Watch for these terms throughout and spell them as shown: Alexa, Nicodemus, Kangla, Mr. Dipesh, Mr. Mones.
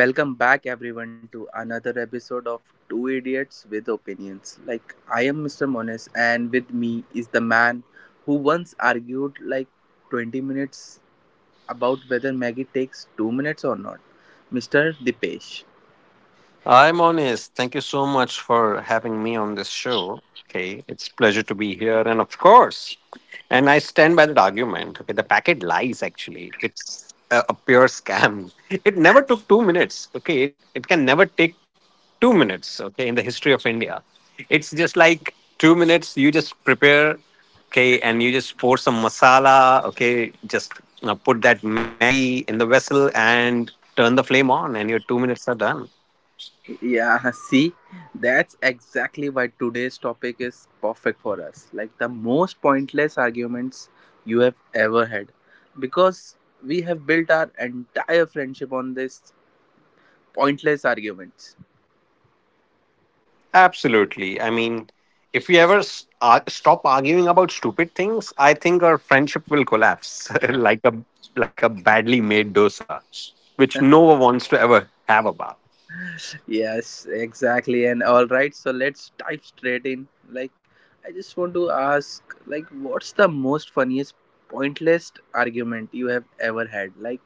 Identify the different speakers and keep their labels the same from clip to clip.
Speaker 1: welcome back, everyone, to another episode of Two Idiots with Opinions. I am Mr. Mones, and with me is the man who once argued 20 minutes about whether Maggie takes 2 minutes or not, Mr. Dipesh.
Speaker 2: I'm honest. Thank you so much for having me on this show. Okay, it's pleasure to be here, and of course, and I stand by that argument. Okay, the packet lies actually. It's a pure scam. It never took 2 minutes. Okay, it can never take 2 minutes. Okay, in the history of India, it's just like 2 minutes. You just prepare. Okay, and you just pour some masala. Okay, just put that Maggie in the vessel and turn the flame on, and your 2 minutes are done.
Speaker 1: Yeah, see, that's exactly why today's topic is perfect for us. The most pointless arguments you have ever had. Because we have built our entire friendship on this pointless arguments.
Speaker 2: Absolutely. I mean, if we ever stop arguing about stupid things, I think our friendship will collapse like a badly made dosa, which no one wants to ever have about.
Speaker 1: Yes, exactly. And All right, so let's dive straight in. Like, I just want to ask, what's the most funniest, pointless argument you have ever had? Like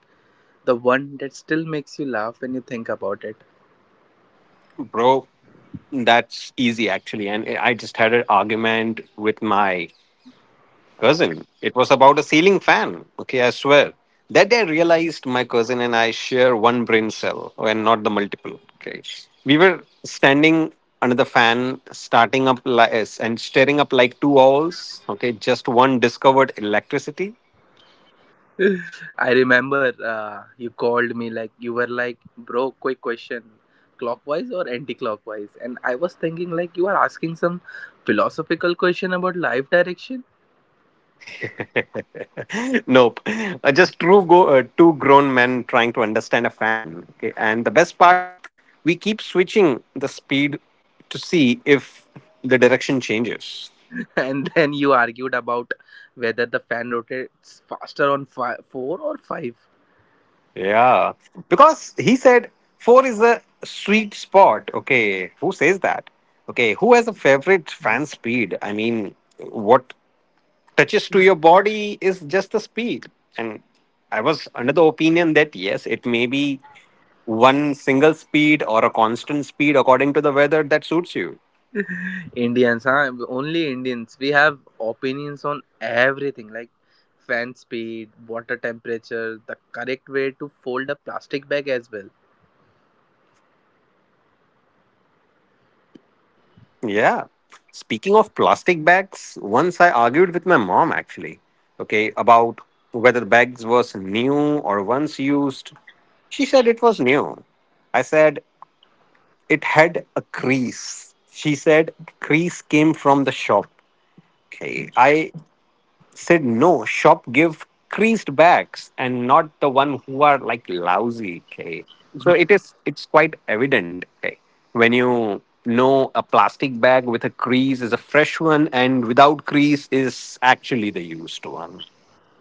Speaker 1: the one that still makes you laugh when you think about it.
Speaker 2: Bro, that's easy actually. And I just had an argument with my cousin. It was about a ceiling fan. Okay, I swear. That day I realized my cousin and I share one brain cell and not the multiple. Okay. We were standing under the fan, starting up li- eh, s- and staring up like two owls. Okay, just one discovered electricity.
Speaker 1: I remember you called me, like, you were like, bro, quick question, clockwise or anti-clockwise? And I was thinking like you are asking some philosophical question about life direction.
Speaker 2: Nope, just two grown men trying to understand a fan. Okay, and the best part, we keep switching the speed to see if the direction changes.
Speaker 1: And then you argued about whether the fan rotates faster on 4 or 5.
Speaker 2: Yeah, because he said four is a sweet spot. Okay, who says that? Okay, who has a favorite fan speed? I mean, what touches to your body is just the speed. And I was under the opinion that yes, it may be one single speed or a constant speed according to the weather that suits you.
Speaker 1: Indians, huh? Only Indians, we have opinions on everything, like fan speed, water temperature, the correct way to fold a plastic bag as well.
Speaker 2: Yeah. Speaking of plastic bags, once I argued with my mom actually, okay, about whether the bags was new or once used. She said it was new. I said it had a crease. She said crease came from the shop. Okay. I said no shop give creased bags and not the one who are like lousy, okay, so it is, it's quite evident, okay, when you know a plastic bag with a crease is a fresh one and without crease is actually the used one.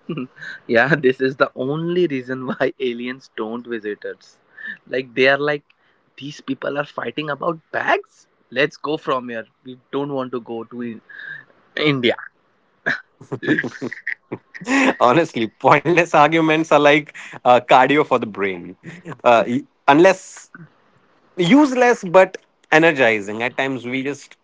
Speaker 1: Yeah, this is the only reason why aliens don't visit us. Like they are like, these people are fighting about bags, let's go from here, we don't want to go to I- India.
Speaker 2: Honestly, pointless arguments are like cardio for the brain, unless useless but energizing at times. We just,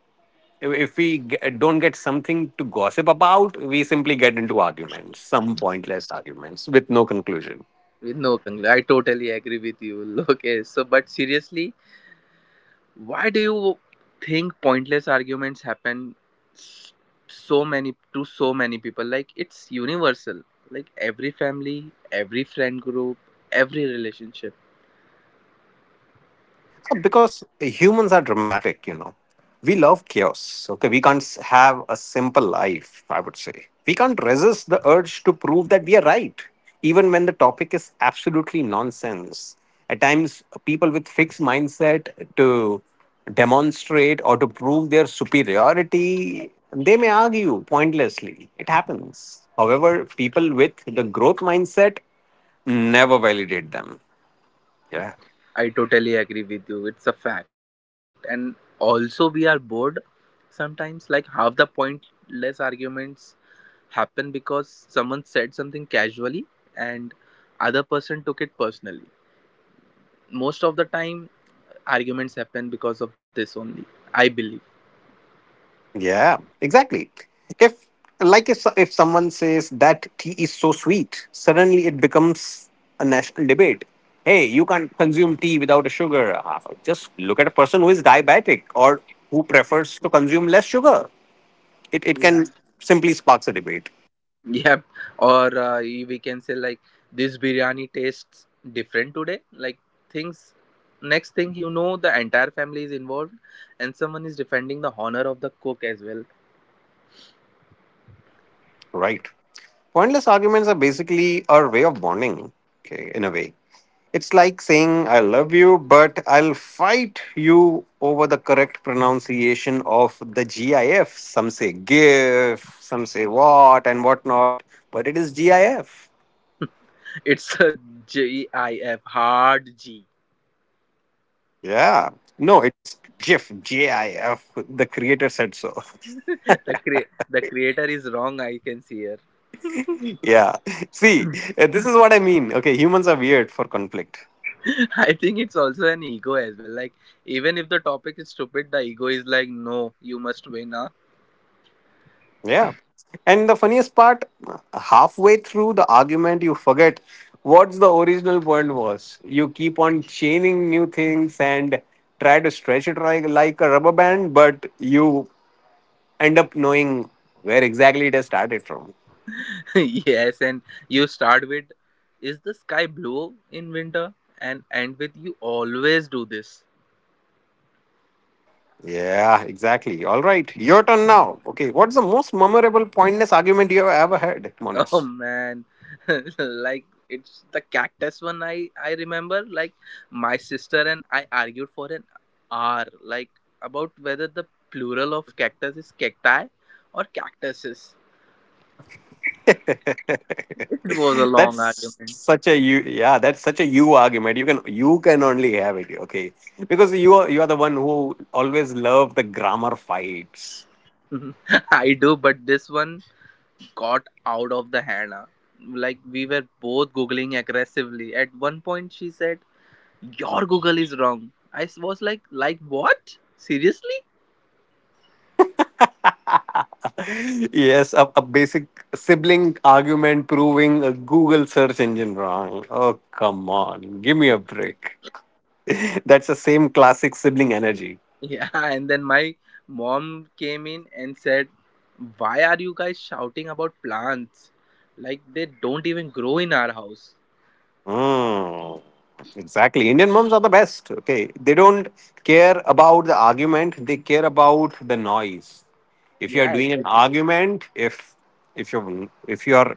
Speaker 2: if we don't get something to gossip about, we simply get into arguments, some pointless arguments with no conclusion.
Speaker 1: No, Kangla, I totally agree with you. Okay, so but seriously, why do you think pointless arguments happen s- so many, to so many people? Like it's universal. Like every family, every friend group, every relationship.
Speaker 2: Because humans are dramatic, you know, we love chaos. Okay, we can't have a simple life, I would say. We can't resist the urge to prove that we are right, even when the topic is absolutely nonsense. At times people with fixed mindset to demonstrate or to prove their superiority, they may argue pointlessly. It happens. However, people with the growth mindset never validate them. Yeah.
Speaker 1: I totally agree with you. It's a fact. And also we are bored sometimes. Like half the pointless arguments happen because someone said something casually and other person took it personally. Most of the time arguments happen because of this only, I believe.
Speaker 2: Yeah, exactly. If, if if someone says that tea is so sweet, suddenly it becomes a national debate. Hey, you can't consume tea without a sugar. Ah, just look at a person who is diabetic or who prefers to consume less sugar. It
Speaker 1: Yeah.
Speaker 2: can simply sparks a debate.
Speaker 1: Yep. Or we can say like, this biryani tastes different today. Like things, next thing you know, the entire family is involved and someone is defending the honor of the cook as well.
Speaker 2: Right. Pointless arguments are basically our way of bonding. Okay, in a way. It's like saying, I love you, but I'll fight you over the correct pronunciation of the GIF. Some say GIF, some say what and whatnot, but it is GIF.
Speaker 1: It's a GIF, hard g.
Speaker 2: Yeah. No, it's GIF, GIF. The creator said so.
Speaker 1: the cre- the creator is wrong, I can see here.
Speaker 2: Yeah. See, this is what I mean. Okay, humans are weird for conflict.
Speaker 1: I think it's also an ego as well. Like even if the topic is stupid, the ego is like, no, you must win, huh?
Speaker 2: Yeah. And the funniest part, halfway through the argument, you forget what the original point was. You keep on chaining new things and try to stretch it like, a rubber band, but you end up knowing where exactly it has started from.
Speaker 1: Yes, and you start with, is the sky blue in winter? And end with, you always do this.
Speaker 2: Yeah, exactly. All right. Your turn now. Okay. What's the most memorable pointless argument you have ever had,
Speaker 1: Oh
Speaker 2: Monis?
Speaker 1: man, like it's the cactus one I remember. Like my sister and I argued for an hour, like about whether the plural of cactus is cacti or cactuses. It was a long
Speaker 2: that's
Speaker 1: argument.
Speaker 2: such a you yeah that's such a you argument. You can, you can only have it, okay, because you are the one who always love the grammar fights.
Speaker 1: I do, but this one got out of the hand. Ah. Like we were both googling aggressively. At one point, she said, "Your Google is wrong." I was like, "Like what? Seriously?"
Speaker 2: Yes, a basic sibling argument proving a Google search engine wrong. Oh, come on, give me a break. That's the same classic sibling energy.
Speaker 1: Yeah. And then my mom came in and said, "Why are you guys shouting about plants? Like they don't even grow in our house."
Speaker 2: Mm, exactly. Indian moms are the best. Okay. They don't care about the argument, they care about the noise. If you are
Speaker 1: Yeah, it's
Speaker 2: doing
Speaker 1: like
Speaker 2: an argument, if if you are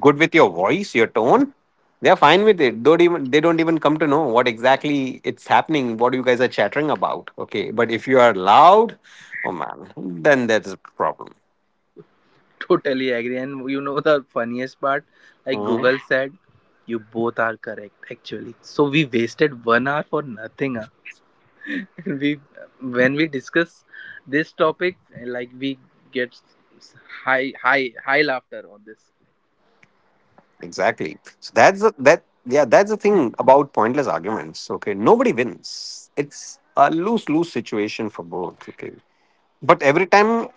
Speaker 2: good with your voice, your tone, they are fine with it. Don't even They don't even come to know what exactly it's happening, what you guys are chattering about. Okay. But if you are loud, oh man, then that is a problem.
Speaker 1: totally agree. And you know the funniest part? Like
Speaker 2: Hmm.
Speaker 1: Google said, "You both are correct." Actually, so we wasted one hour for nothing. Ah. we when we discuss this topic, like we get high, high, high laughter on this.
Speaker 2: Exactly. So that's the that yeah, that's the thing about pointless arguments. Okay. Nobody wins. It's a lose-lose situation for both. Okay. But every time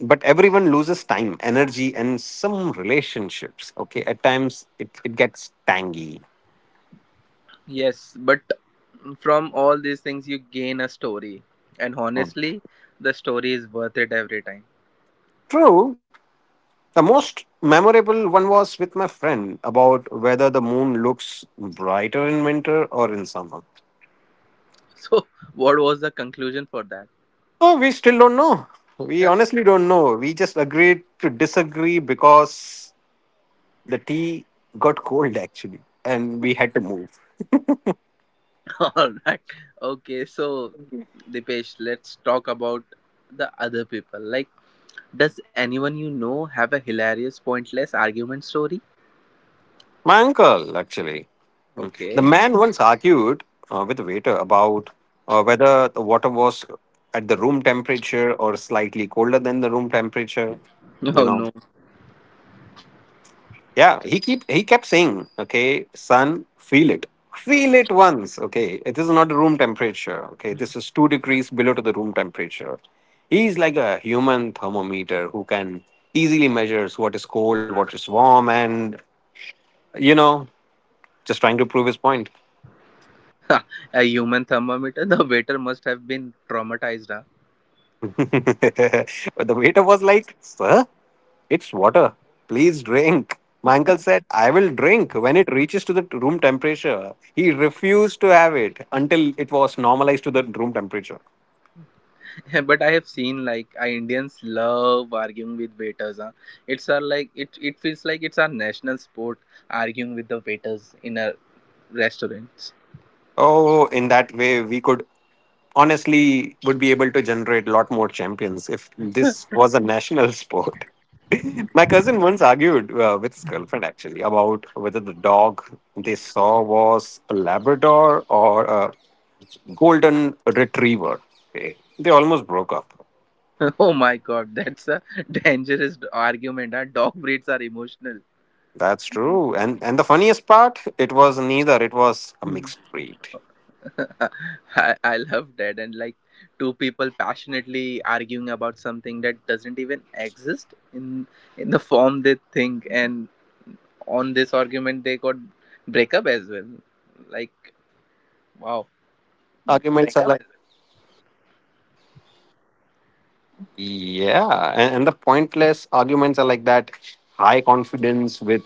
Speaker 2: but everyone loses time, energy, and some relationships. Okay. At times it gets tangy.
Speaker 1: Yes, but from all these things you gain a story, and
Speaker 2: Mm.
Speaker 1: honestly the story is worth it every time.
Speaker 2: True. The most memorable one was with my friend about whether the moon looks brighter in winter or in summer.
Speaker 1: So what was the conclusion for that?
Speaker 2: Oh, we still don't know. We honestly don't know. We just agreed to disagree because the tea got cold actually, and we had to move.
Speaker 1: All right, okay, so Dipesh, let's talk about the other people. Like does anyone you know have a hilarious pointless argument story?
Speaker 2: My uncle actually, mm, the
Speaker 1: Okay.
Speaker 2: man once argued with the waiter about whether the water was at the room temperature or slightly colder than the room temperature. You
Speaker 1: Oh
Speaker 2: know.
Speaker 1: no.
Speaker 2: Yeah, he kept saying, okay, son, feel it. Feel it once, okay. This is not room temperature, okay. This is 2 degrees below to the room temperature. He's like a human thermometer who can easily measures what is cold, what is warm, and you know, just trying to prove his point.
Speaker 1: A human thermometer, the waiter must have been traumatized,
Speaker 2: But the waiter was like, Sir, it's water. Please drink. My uncle said, I will drink when it reaches to the room temperature. He refused to have it until it was normalized to the room temperature.
Speaker 1: huh? But I have seen like Indians love arguing with waiters, huh? It's our like, it feels like it's our national sport, arguing with the waiters in a restaurants.
Speaker 2: Oh, in that way, we could honestly would be able to generate a lot more champions if this was a national sport. My cousin once argued with his girlfriend actually about whether the dog they saw was a Labrador or a golden retriever. Okay, they almost broke up.
Speaker 1: Oh my god, that's a dangerous argument, huh? Dog breeds are emotional.
Speaker 2: That's true. And the funniest part, it was neither. It was a mixed breed.
Speaker 1: I love that. And like two people passionately arguing about something that doesn't even exist in the form they think, and on this argument they got break up as well. Like wow.
Speaker 2: Arguments are like, yeah, and the pointless arguments are like that, high confidence with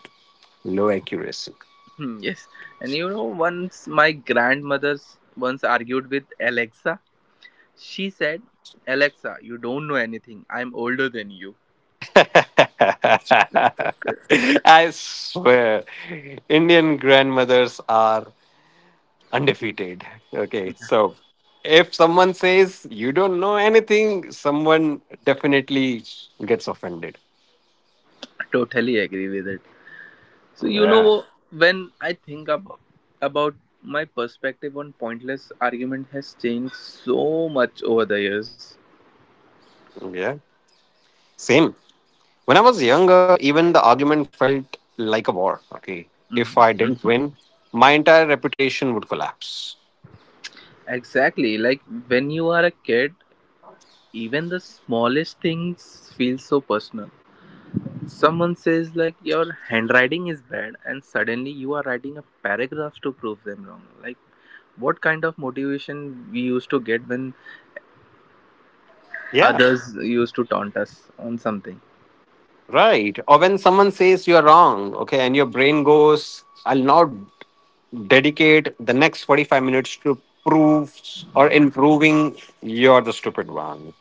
Speaker 2: low accuracy.
Speaker 1: Hmm, yes. And you know, once my grandmother's once argued with Alexa. She said, "Alexa, you don't know anything. I'm older than you."
Speaker 2: I swear Indian grandmothers are undefeated. Okay, so if someone says you don't know anything, someone definitely gets offended.
Speaker 1: I totally agree with it. So you
Speaker 2: Yeah.
Speaker 1: know, when I think about, my perspective on pointless argument has changed so much over the years.
Speaker 2: Yeah, same. When I was younger, even the argument felt like a war. Okay. If I
Speaker 1: Mhm.
Speaker 2: didn't win, my entire reputation would collapse.
Speaker 1: Exactly, like when you are a kid, even the smallest things feel so personal. Someone says like your handwriting is bad and suddenly you are writing a paragraph to prove them wrong. Like what kind of motivation we used to get when
Speaker 2: Yeah.
Speaker 1: others used to taunt us on something.
Speaker 2: Right. Or when someone says you're wrong, okay, and your brain goes, I'll not dedicate the next 45 minutes to prove or improving." You're the stupid one.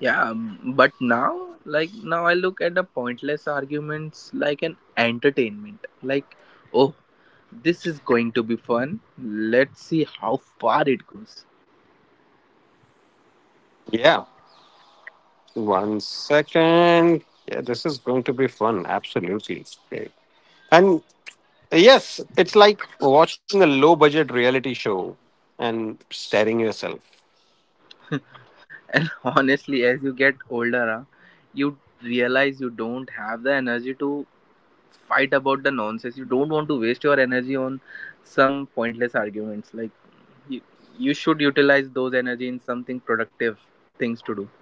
Speaker 1: Yeah, but now, now, I look at the pointless arguments like an entertainment. Like, oh, this is going to be fun. Let's see how far it goes.
Speaker 3: Yeah, one second. Yeah, this is going to be fun. Absolutely. Great. And yes, it's like watching a low budget reality show and staring yourself.
Speaker 1: And honestly, as you get older, huh, you realize you don't have the energy to fight about the nonsense. You don't want to waste your energy on some pointless arguments. Like, you, you should utilize those energy in something productive things to do.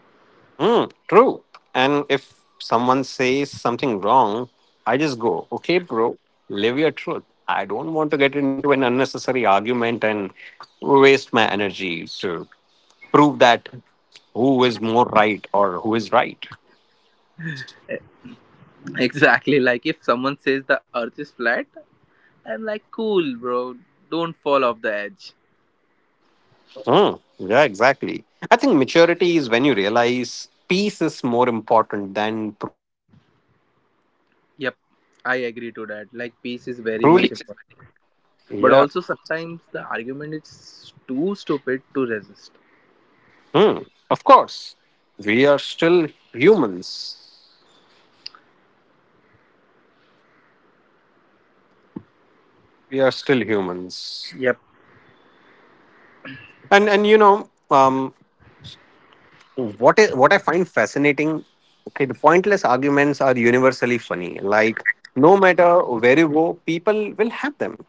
Speaker 3: Mm, true. And if someone says something wrong, I just go, okay, bro, live your truth. I don't want to get into an unnecessary argument and waste my energy to prove that who is more right or who is right.
Speaker 1: Exactly. Like if someone says the earth is flat, I'm like, cool, bro. Don't fall off the edge.
Speaker 3: Mm, yeah, exactly. I think maturity is when you realize peace is more important than
Speaker 1: Yep, I agree to that. Like, peace is very
Speaker 2: Truly.
Speaker 1: much important. But
Speaker 2: Yeah.
Speaker 1: also, sometimes the argument is too stupid to resist.
Speaker 2: Hmm. Of course. We are still humans. We are still humans.
Speaker 1: Yep.
Speaker 2: And you know, what is what I find fascinating, okay, the pointless arguments are universally funny. Like no matter where you go, people will have them.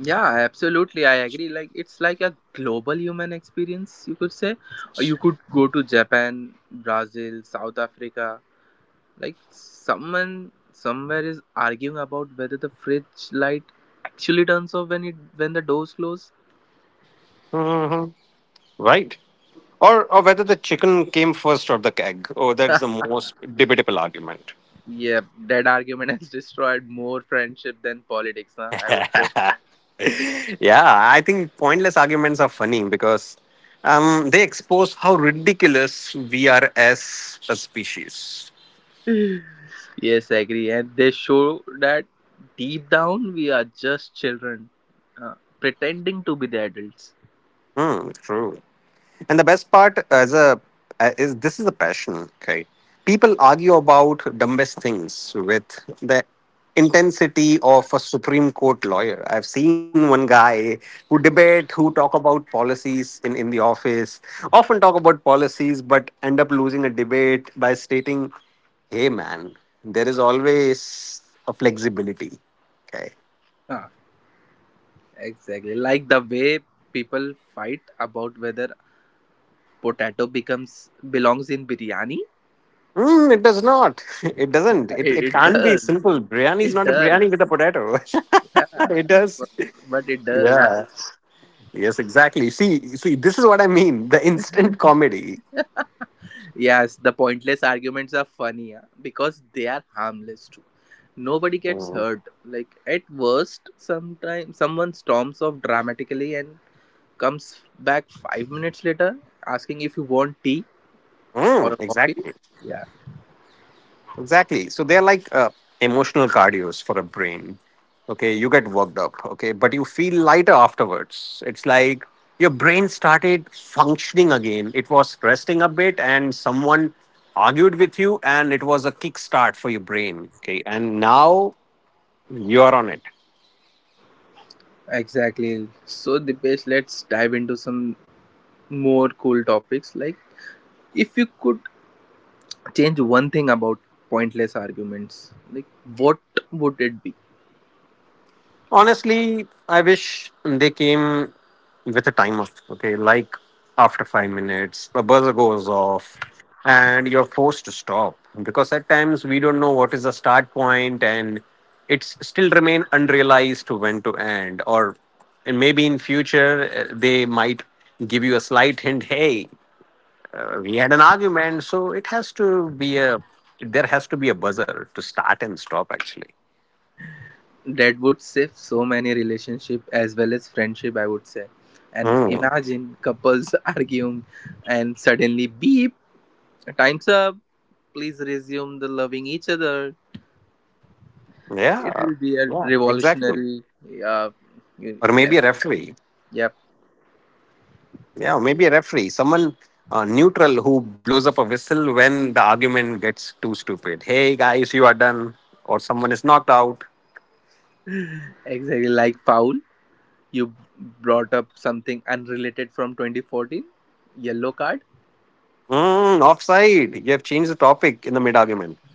Speaker 1: Yeah, absolutely. I agree. Like, it's like a global human experience, you could say. Or you could go to Japan, Brazil, South Africa. Like, someone somewhere is arguing about whether the fridge light actually turns off when the doors close.
Speaker 2: Hmm. Right. Or whether the chicken came first or the egg. Oh, that's the most debatable argument.
Speaker 1: Yep, that argument has destroyed more friendship than politics, huh? I would say.
Speaker 2: Yeah, I think pointless arguments are funny because they expose how ridiculous we are as a species.
Speaker 1: Yes, I agree. And they show that deep down we are just children pretending to be the adults.
Speaker 2: Hmm, true. And the best part as a, is this is a passion. Okay, people argue about dumbest things with the intensity of a Supreme Court lawyer. I've seen one guy who debate, who talk about policies in the office, often talk about policies, but end up losing a debate by stating, "Hey, man, there is always a flexibility." Okay.
Speaker 1: Ah, exactly. Like the way people fight about whether potato becomes belongs in biryani.
Speaker 2: Mm, it does not. It doesn't. It,
Speaker 1: It,
Speaker 2: it
Speaker 1: it
Speaker 2: can't be
Speaker 1: does.
Speaker 2: simple. Biryani is
Speaker 1: It
Speaker 2: not a
Speaker 1: does.
Speaker 2: biryani with a potato.
Speaker 1: Yeah,
Speaker 2: It does.
Speaker 1: but, but it does.
Speaker 2: Yeah. Yes, exactly. See, see, this is what I mean. The instant comedy.
Speaker 1: Yes, the pointless arguments are funny, huh? Because they are harmless too. Nobody gets
Speaker 2: Mm.
Speaker 1: hurt. Like at worst, sometimes someone storms off dramatically and comes back 5 minutes later asking if you want tea or
Speaker 2: Mm,
Speaker 1: coffee.
Speaker 2: exactly.
Speaker 1: Yeah,
Speaker 2: Exactly. So they're like emotional cardios for a brain. Okay, you get worked up. Okay, but you feel lighter afterwards. It's like your brain started functioning again. It was resting a bit, and someone argued with you, and it was a kickstart for your brain. Okay, and now you're on it.
Speaker 1: exactly. So Dipesh, let's dive into some more cool topics. Like if you could change one thing about pointless arguments, like what would it be?
Speaker 2: Honestly, I wish they came with a timer. Okay, like after 5 minutes, a buzzer goes off, and you're forced to stop because at times we don't know what is the start point, and it's still remain unrealized to when to end. Or and maybe in future they might give you a slight hint. Hey, we had an argument, so it has to be a, there has to be a buzzer to start and stop. Actually,
Speaker 1: That would save so many relationship as well as friendship, I would say. And
Speaker 2: hmm,
Speaker 1: imagine couples arguing and suddenly beep, time's up. Please resume the loving each other. It
Speaker 2: yeah,
Speaker 1: will be a
Speaker 2: yeah, exactly.
Speaker 1: revolutionary. Uh, you-
Speaker 2: Or
Speaker 1: I
Speaker 2: maybe
Speaker 1: would-
Speaker 2: referee.
Speaker 1: yep,
Speaker 2: Yeah, or maybe a referee, someone neutral who blows up a whistle when the argument gets too stupid. Hey guys, you are done, or someone is knocked out.
Speaker 1: exactly. Like foul, you b- brought up something unrelated from 2014. Yellow card.
Speaker 2: Mm, offside. You have changed the topic in the mid argument.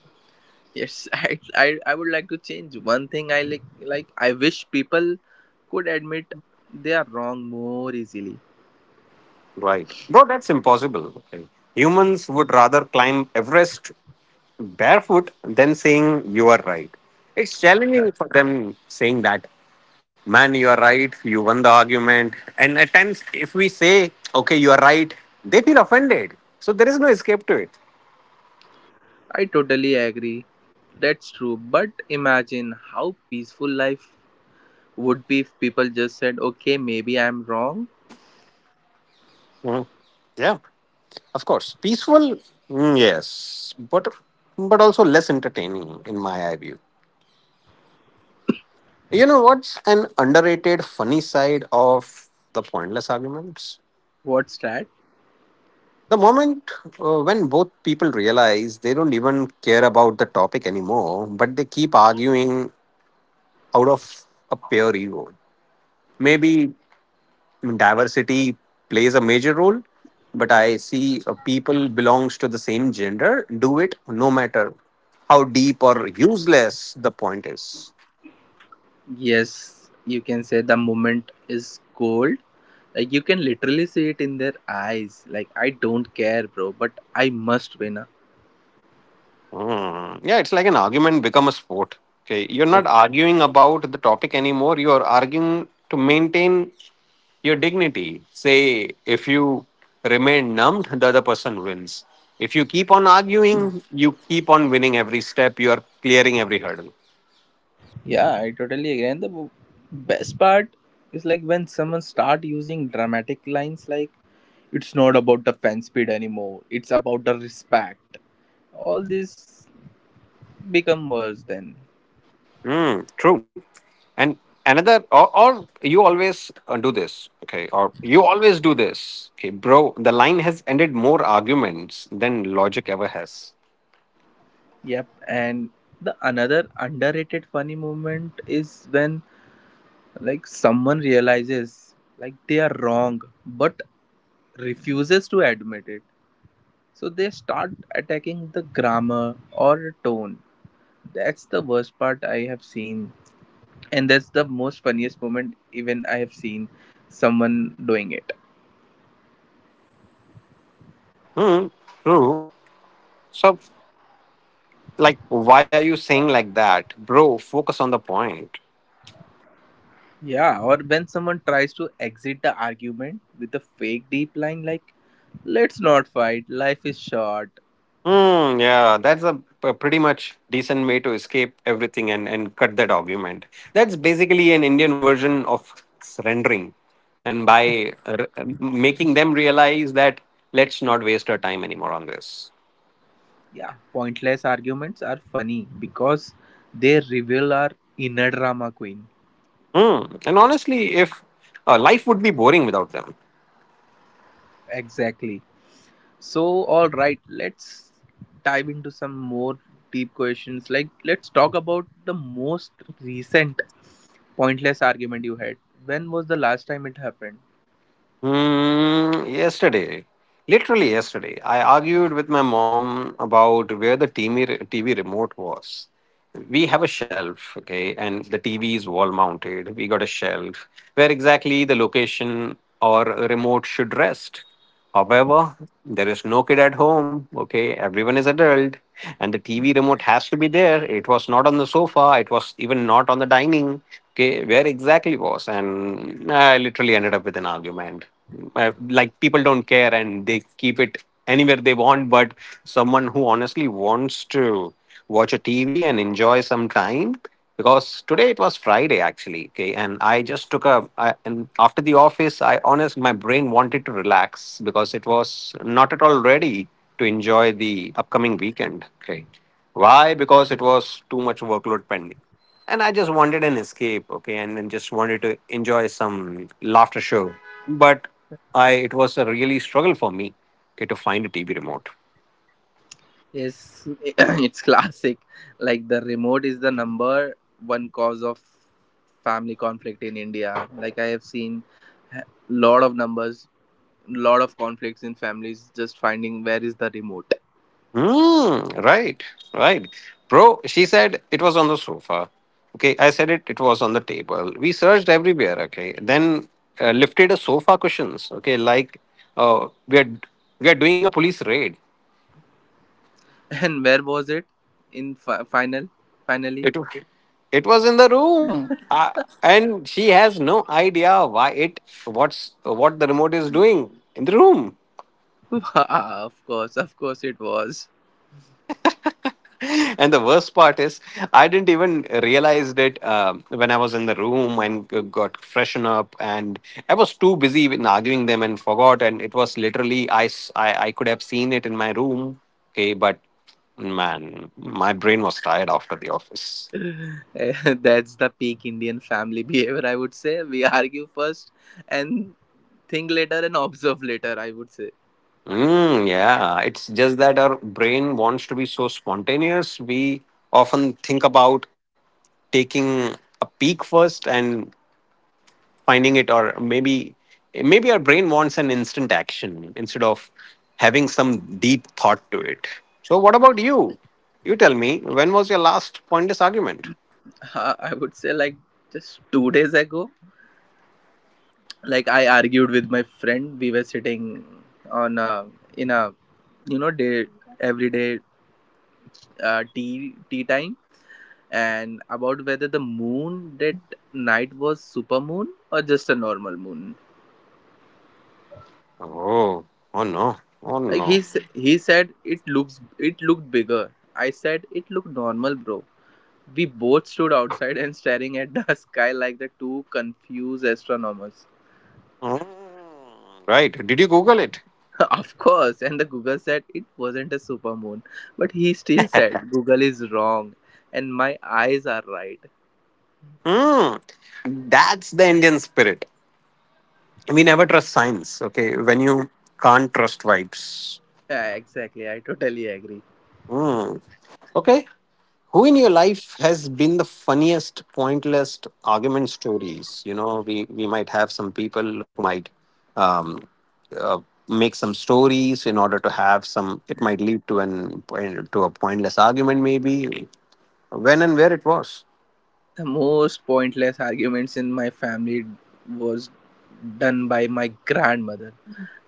Speaker 1: Yes, I would like to change one thing. I Like I wish people could admit they are wrong more easily.
Speaker 2: Right. Bro, that's impossible. Okay. Humans would rather climb Everest barefoot than saying you are right. It's challenging for them saying that, man, you are right, you won the argument. And at times if we say okay you are right, they feel offended, so there is no escape to it.
Speaker 1: I totally agree. That's true. But imagine how peaceful life would be if people just said, okay, maybe I'm wrong.
Speaker 2: Mm, yeah, of course peaceful. Yes, but also less entertaining in my eye view. You know what's an underrated funny side of the pointless arguments?
Speaker 1: What's that?
Speaker 2: The moment when both people realize they don't even care about the topic anymore, but they keep arguing out of a pure ego, maybe. I mean, diversity plays a major role, but I see people belongs to the same gender do it no matter how deep or useless the point is.
Speaker 1: Yes, you can say the moment is cold. Like you can literally see it in their eyes. Like I don't care, bro, but I must win. Ah."
Speaker 2: Hmm. Yeah, it's like an argument become a sport. Okay, you're
Speaker 1: Yep.
Speaker 2: not arguing about the topic anymore. You're arguing to maintain your dignity. Say, if you remain numbed, the other person wins. If you keep on arguing, you keep on winning every step. You are clearing every hurdle.
Speaker 1: Yeah, I totally agree. And the best part is like when someone start using dramatic lines like, it's not about the fan speed anymore, it's about the respect, all this become worse then.
Speaker 2: Mm, true. And another, or you always do this, okay? Or you always do this, okay, bro? The line has ended more arguments than logic ever has.
Speaker 1: Yep. And the another underrated funny moment is when, like someone realizes like they are wrong but refuses to admit it, so they start attacking the grammar or tone. That's the worst part I have seen, and that's the most funniest moment even I have seen someone doing it.
Speaker 2: Hmm, true. So, like, why are you saying like that, bro? Focus on the point.
Speaker 1: Yeah, or when someone tries to exit the argument with a fake deep line like, let's not fight, life is short.
Speaker 2: Hmm. Yeah, that's a, pretty much decent way to escape everything and cut that argument. That's basically an Indian version of surrendering. And by making them realize that let's not waste our time anymore on this.
Speaker 1: Yeah, pointless arguments are funny because they reveal our inner drama queen.
Speaker 2: Hmm. And honestly, if life would be boring without them.
Speaker 1: Exactly. So, alright, let's dive into some more deep questions. Like, let's talk about the most recent pointless argument you had. When was the last time it happened?
Speaker 2: Mm, yesterday, literally yesterday, I argued with my mom about where the TV remote was. We have a shelf, okay, and the TV is wall mounted. We got a shelf where exactly the location or remote should rest. However, there is no kid at home, okay, everyone is adult, and the TV remote has to be there. It was not on the sofa, it was even not on the dining. Okay, where exactly was, and I literally ended up with an argument like people don't care and they keep it anywhere they want, but someone who honestly wants to watch a TV and enjoy some time, because today it was Friday actually, okay, and I just took a I, and after the office I honest my brain wanted to relax because it was not at all ready to enjoy the upcoming weekend, okay. Why? Because it was too much workload pending and I just wanted an escape, okay, and then just wanted to enjoy some laughter show. But I it was a really struggle for me, okay, to find a TV remote.
Speaker 1: Yes, it's classic. Like the remote is the number one cause of family conflict in India. Like I have seen a lot of numbers, lot of conflicts in families just finding where is the remote.
Speaker 2: Mm, right, right. Bro, she said it was on the sofa. Okay, I said it was on the table. We searched everywhere, okay. Then lifted a sofa cushions, okay, like uh, we are we are doing a police raid.
Speaker 1: And where was it in finally?
Speaker 2: It wa- it was in the room. And she has no idea why it what's what the remote is doing in the room.
Speaker 1: Wow, of course it was.
Speaker 2: And the worst part is I didn't even realize it when I was in the room and got freshen up, and I was too busy in arguing them and forgot, and it was literally I could have seen it in my room, okay, but man my brain was tired after the office.
Speaker 1: Eh, that's the peak Indian family behavior I would say. We argue first and think later and observe later, I would say.
Speaker 2: Mm, yeah, it's just that our brain wants to be so spontaneous. We often think about taking a peek first, and finding it, or maybe maybe our brain wants an instant action instead of having some deep thought to it. So what about you? You tell me, when was your last pointless argument?
Speaker 1: I would say like just 2 days ago. Like I argued with my friend. We were sitting on a, in a, you know, day everyday tea time, and about whether the moon that night was super moon or just a normal moon.
Speaker 2: Oh. Oh no. Oh
Speaker 1: Like
Speaker 2: no.
Speaker 1: he said it looks, it looked bigger. I said it looked normal, bro. We both stood outside and staring at the sky like the two confused astronomers.
Speaker 2: Mm, right, did you google it?
Speaker 1: Of course, and the Google said it wasn't a supermoon, but he still said Google is wrong and my eyes are right.
Speaker 2: Hmm. That's the Indian spirit. We never trust science, okay, when you can't trust vibes.
Speaker 1: Yeah, exactly. I totally agree.
Speaker 2: Hmm. Okay. Who in your life has been the funniest, pointless argument stories? You know, we might have some people who might um, uh, make some stories in order to have some. It might lead to an to a pointless argument, maybe. When and where it was.
Speaker 1: The most pointless arguments in my family was done by my grandmother.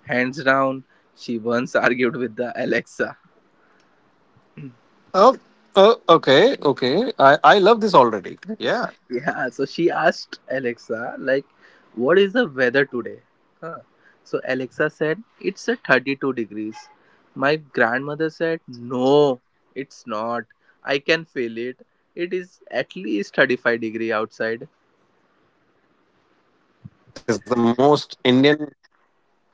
Speaker 1: Hands down, she once argued with the Alexa.
Speaker 2: Oh, oh okay, okay. I love this already. Yeah.
Speaker 1: Yeah, so she asked Alexa, like, what is the weather today? Huh. So Alexa said, it's a 32 degrees. My grandmother said, no, it's not. I can feel it. It is at least 35-degree outside.
Speaker 2: It's the most Indian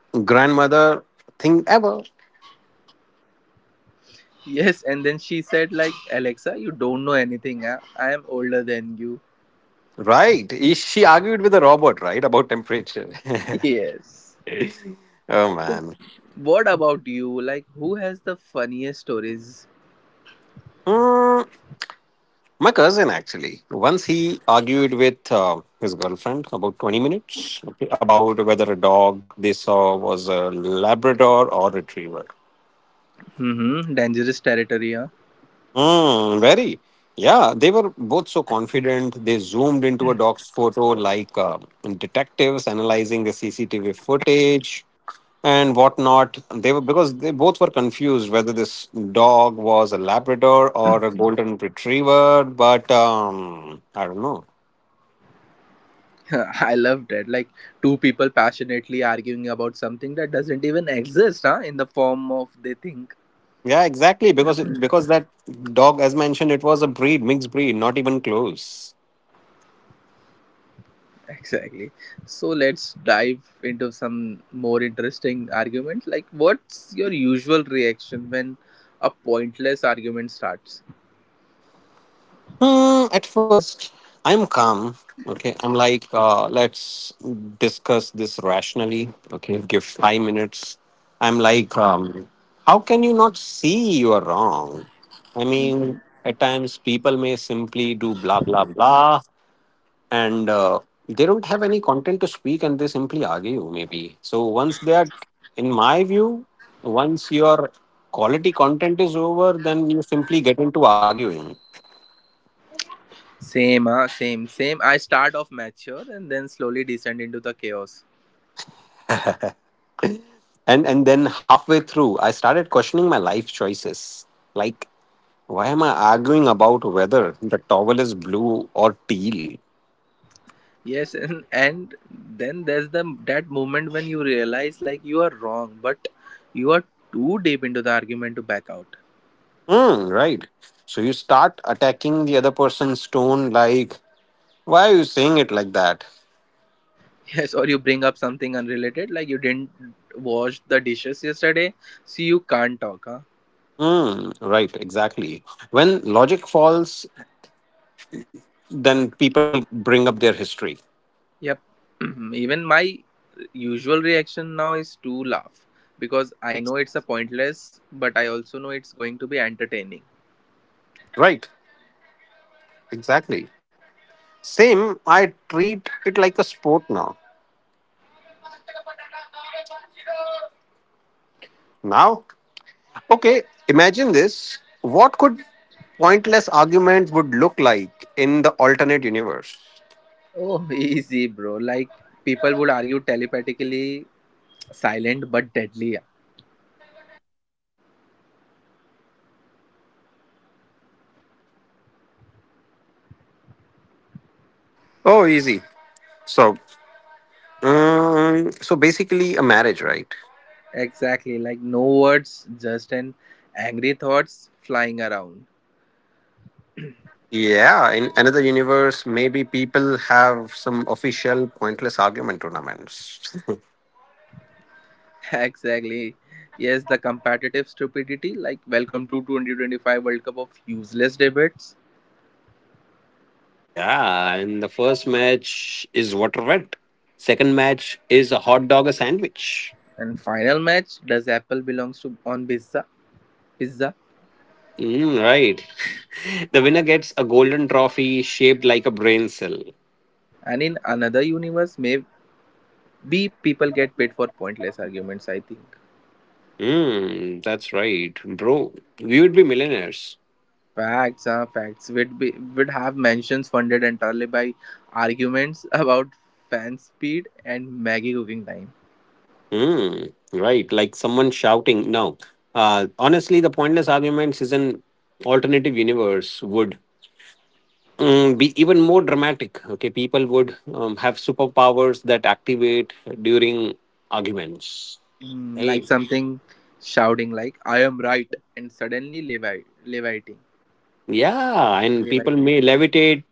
Speaker 2: grandmother thing ever.
Speaker 1: Yes, and then she said, like, Alexa, you don't know anything. Huh? I am older than you.
Speaker 2: Right. Is- She argued with a robot, right, about temperature.
Speaker 1: Yes.
Speaker 2: Oh, man.
Speaker 1: What about you? Like, who has the funniest stories?
Speaker 2: Hmm, my cousin, actually, once he argued with his girlfriend about 20 minutes, okay, about whether a dog they saw was a Labrador or Retriever.
Speaker 1: Mm-hmm. Dangerous territory, huh?
Speaker 2: Mm, very. Yeah, they were both so confident. They zoomed into a dog's photo like detectives analyzing the CCTV footage and whatnot. They were because they both were confused whether this dog was a Labrador or a Golden Retriever. But I don't know.
Speaker 1: I loved it. Like two people passionately arguing about something that doesn't even exist, huh? In the form of they think.
Speaker 2: Yeah, exactly. Because that dog, as mentioned, it was a breed, mixed breed, not even close.
Speaker 1: Exactly. So let's dive into some more interesting arguments. Like, what's your usual reaction when a pointless argument starts?
Speaker 2: Hmm, at first, I'm calm. Okay, I'm like, let's discuss this rationally. Okay, give 5 minutes. I'm like, how can you not see you are wrong? I mean,
Speaker 1: Mhm.
Speaker 2: at times people may simply do blah blah blah, and they don't have any content to speak, and they simply argue. Maybe so. Once they are, in my view, once your quality content is over, then you simply get into arguing.
Speaker 1: Same, huh? Same, same. I start off mature and then slowly descend into the chaos.
Speaker 2: And then halfway through I started questioning my life choices, like why am I arguing about whether the towel is blue or teal.
Speaker 1: Yes, and then there's the that moment when you realize like you are wrong, but you are too deep into the argument to back out.
Speaker 2: Hmm, right, so you start attacking the other person's tone, like why are you saying it like that.
Speaker 1: Yes, or you bring up something unrelated, like you didn't wash the dishes yesterday, so you can't talk, huh?
Speaker 2: Hmm, right, exactly, when logic falls then people bring up their history.
Speaker 1: Yep. Even my usual reaction now is to laugh because I know it's a pointless, but I also know it's going to be entertaining.
Speaker 2: Right, exactly, same, I treat it like a sport now. Now, okay, imagine this. What could pointless arguments would look like in the alternate universe?
Speaker 1: Oh, easy, bro. Like people would argue telepathically, silent but deadly. Yeah.
Speaker 2: Oh, easy. So, so basically, a marriage, right?
Speaker 1: Exactly, like no words, just an angry thoughts flying around.
Speaker 2: Yeah, in another universe, maybe people have some official pointless argument tournaments.
Speaker 1: Exactly. Yes, the competitive stupidity, like welcome to 2025 World Cup of useless debates.
Speaker 2: Yeah, and the first match is water wet. Second match is a hot dog a sandwich.
Speaker 1: And final match, does Apple belongs to on pizza? Pizza.
Speaker 2: Mm, right. The winner gets a golden trophy shaped like a brain cell.
Speaker 1: And in another universe, maybe people get paid for pointless arguments, I think.
Speaker 2: Mm, that's right, bro. We would be millionaires.
Speaker 1: Facts are facts. We'd have mansions funded entirely by arguments about fan speed and Maggie cooking time.
Speaker 2: Mm, right, like someone shouting. No, honestly, the pointless arguments is an alternative universe would mm, be even more dramatic. Okay, people would have superpowers that activate during arguments.
Speaker 1: Mm,
Speaker 2: Hey.
Speaker 1: like something shouting like, I am right, and suddenly levi- leviting
Speaker 2: Yeah, and people
Speaker 1: leviting
Speaker 2: may levitate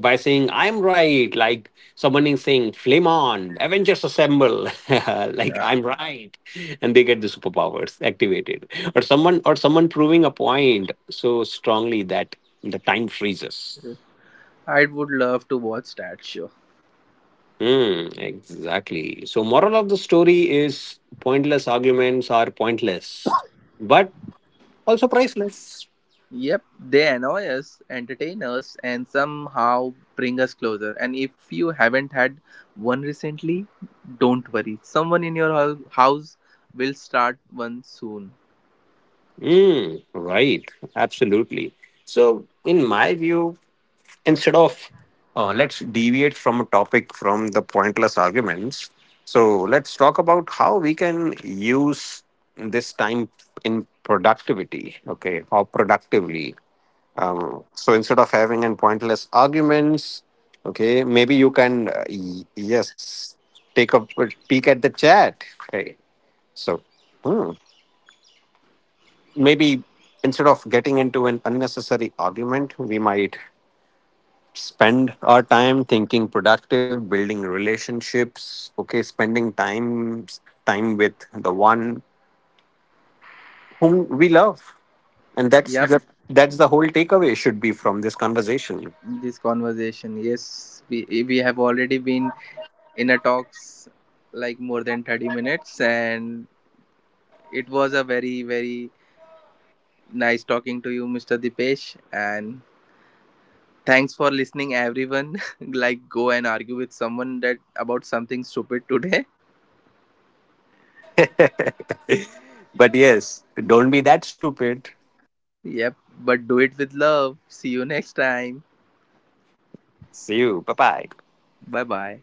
Speaker 2: by saying, I'm right. Like someone is saying, flame on, Avengers assemble. Like
Speaker 1: yeah.
Speaker 2: I'm right. And they get the superpowers activated. Or someone proving a point so strongly that the time freezes.
Speaker 1: I would love to watch that show.
Speaker 2: Hmm, exactly. So moral of the story is pointless arguments are pointless, but also priceless.
Speaker 1: Yep, they annoy us, entertain us, and somehow bring us closer. And if you haven't had one recently, don't worry, someone in your house will start one soon.
Speaker 2: Hmm, right. Absolutely. So in my view, instead of let's deviate from a topic from the pointless arguments. So let's talk about how we can use this time in productivity, okay, or productively. So instead of having an pointless arguments, okay, maybe you can yes, take a peek at the chat, okay. So hmm, maybe instead of getting into an unnecessary argument, we might spend our time thinking productive, building relationships, okay, spending time with the one whom we love. And
Speaker 1: Yep.
Speaker 2: that's the whole takeaway should be from this conversation.
Speaker 1: This conversation, yes, we have already been in a talks like more than 30 minutes, and it was a very, very nice talking to you, Mr. Dipesh. And thanks for listening, everyone. Like, go and argue with someone that about something stupid today.
Speaker 2: But yes, don't be that stupid.
Speaker 1: Yep. But do it with love. See you next time.
Speaker 2: See you. Bye bye.
Speaker 1: Bye bye.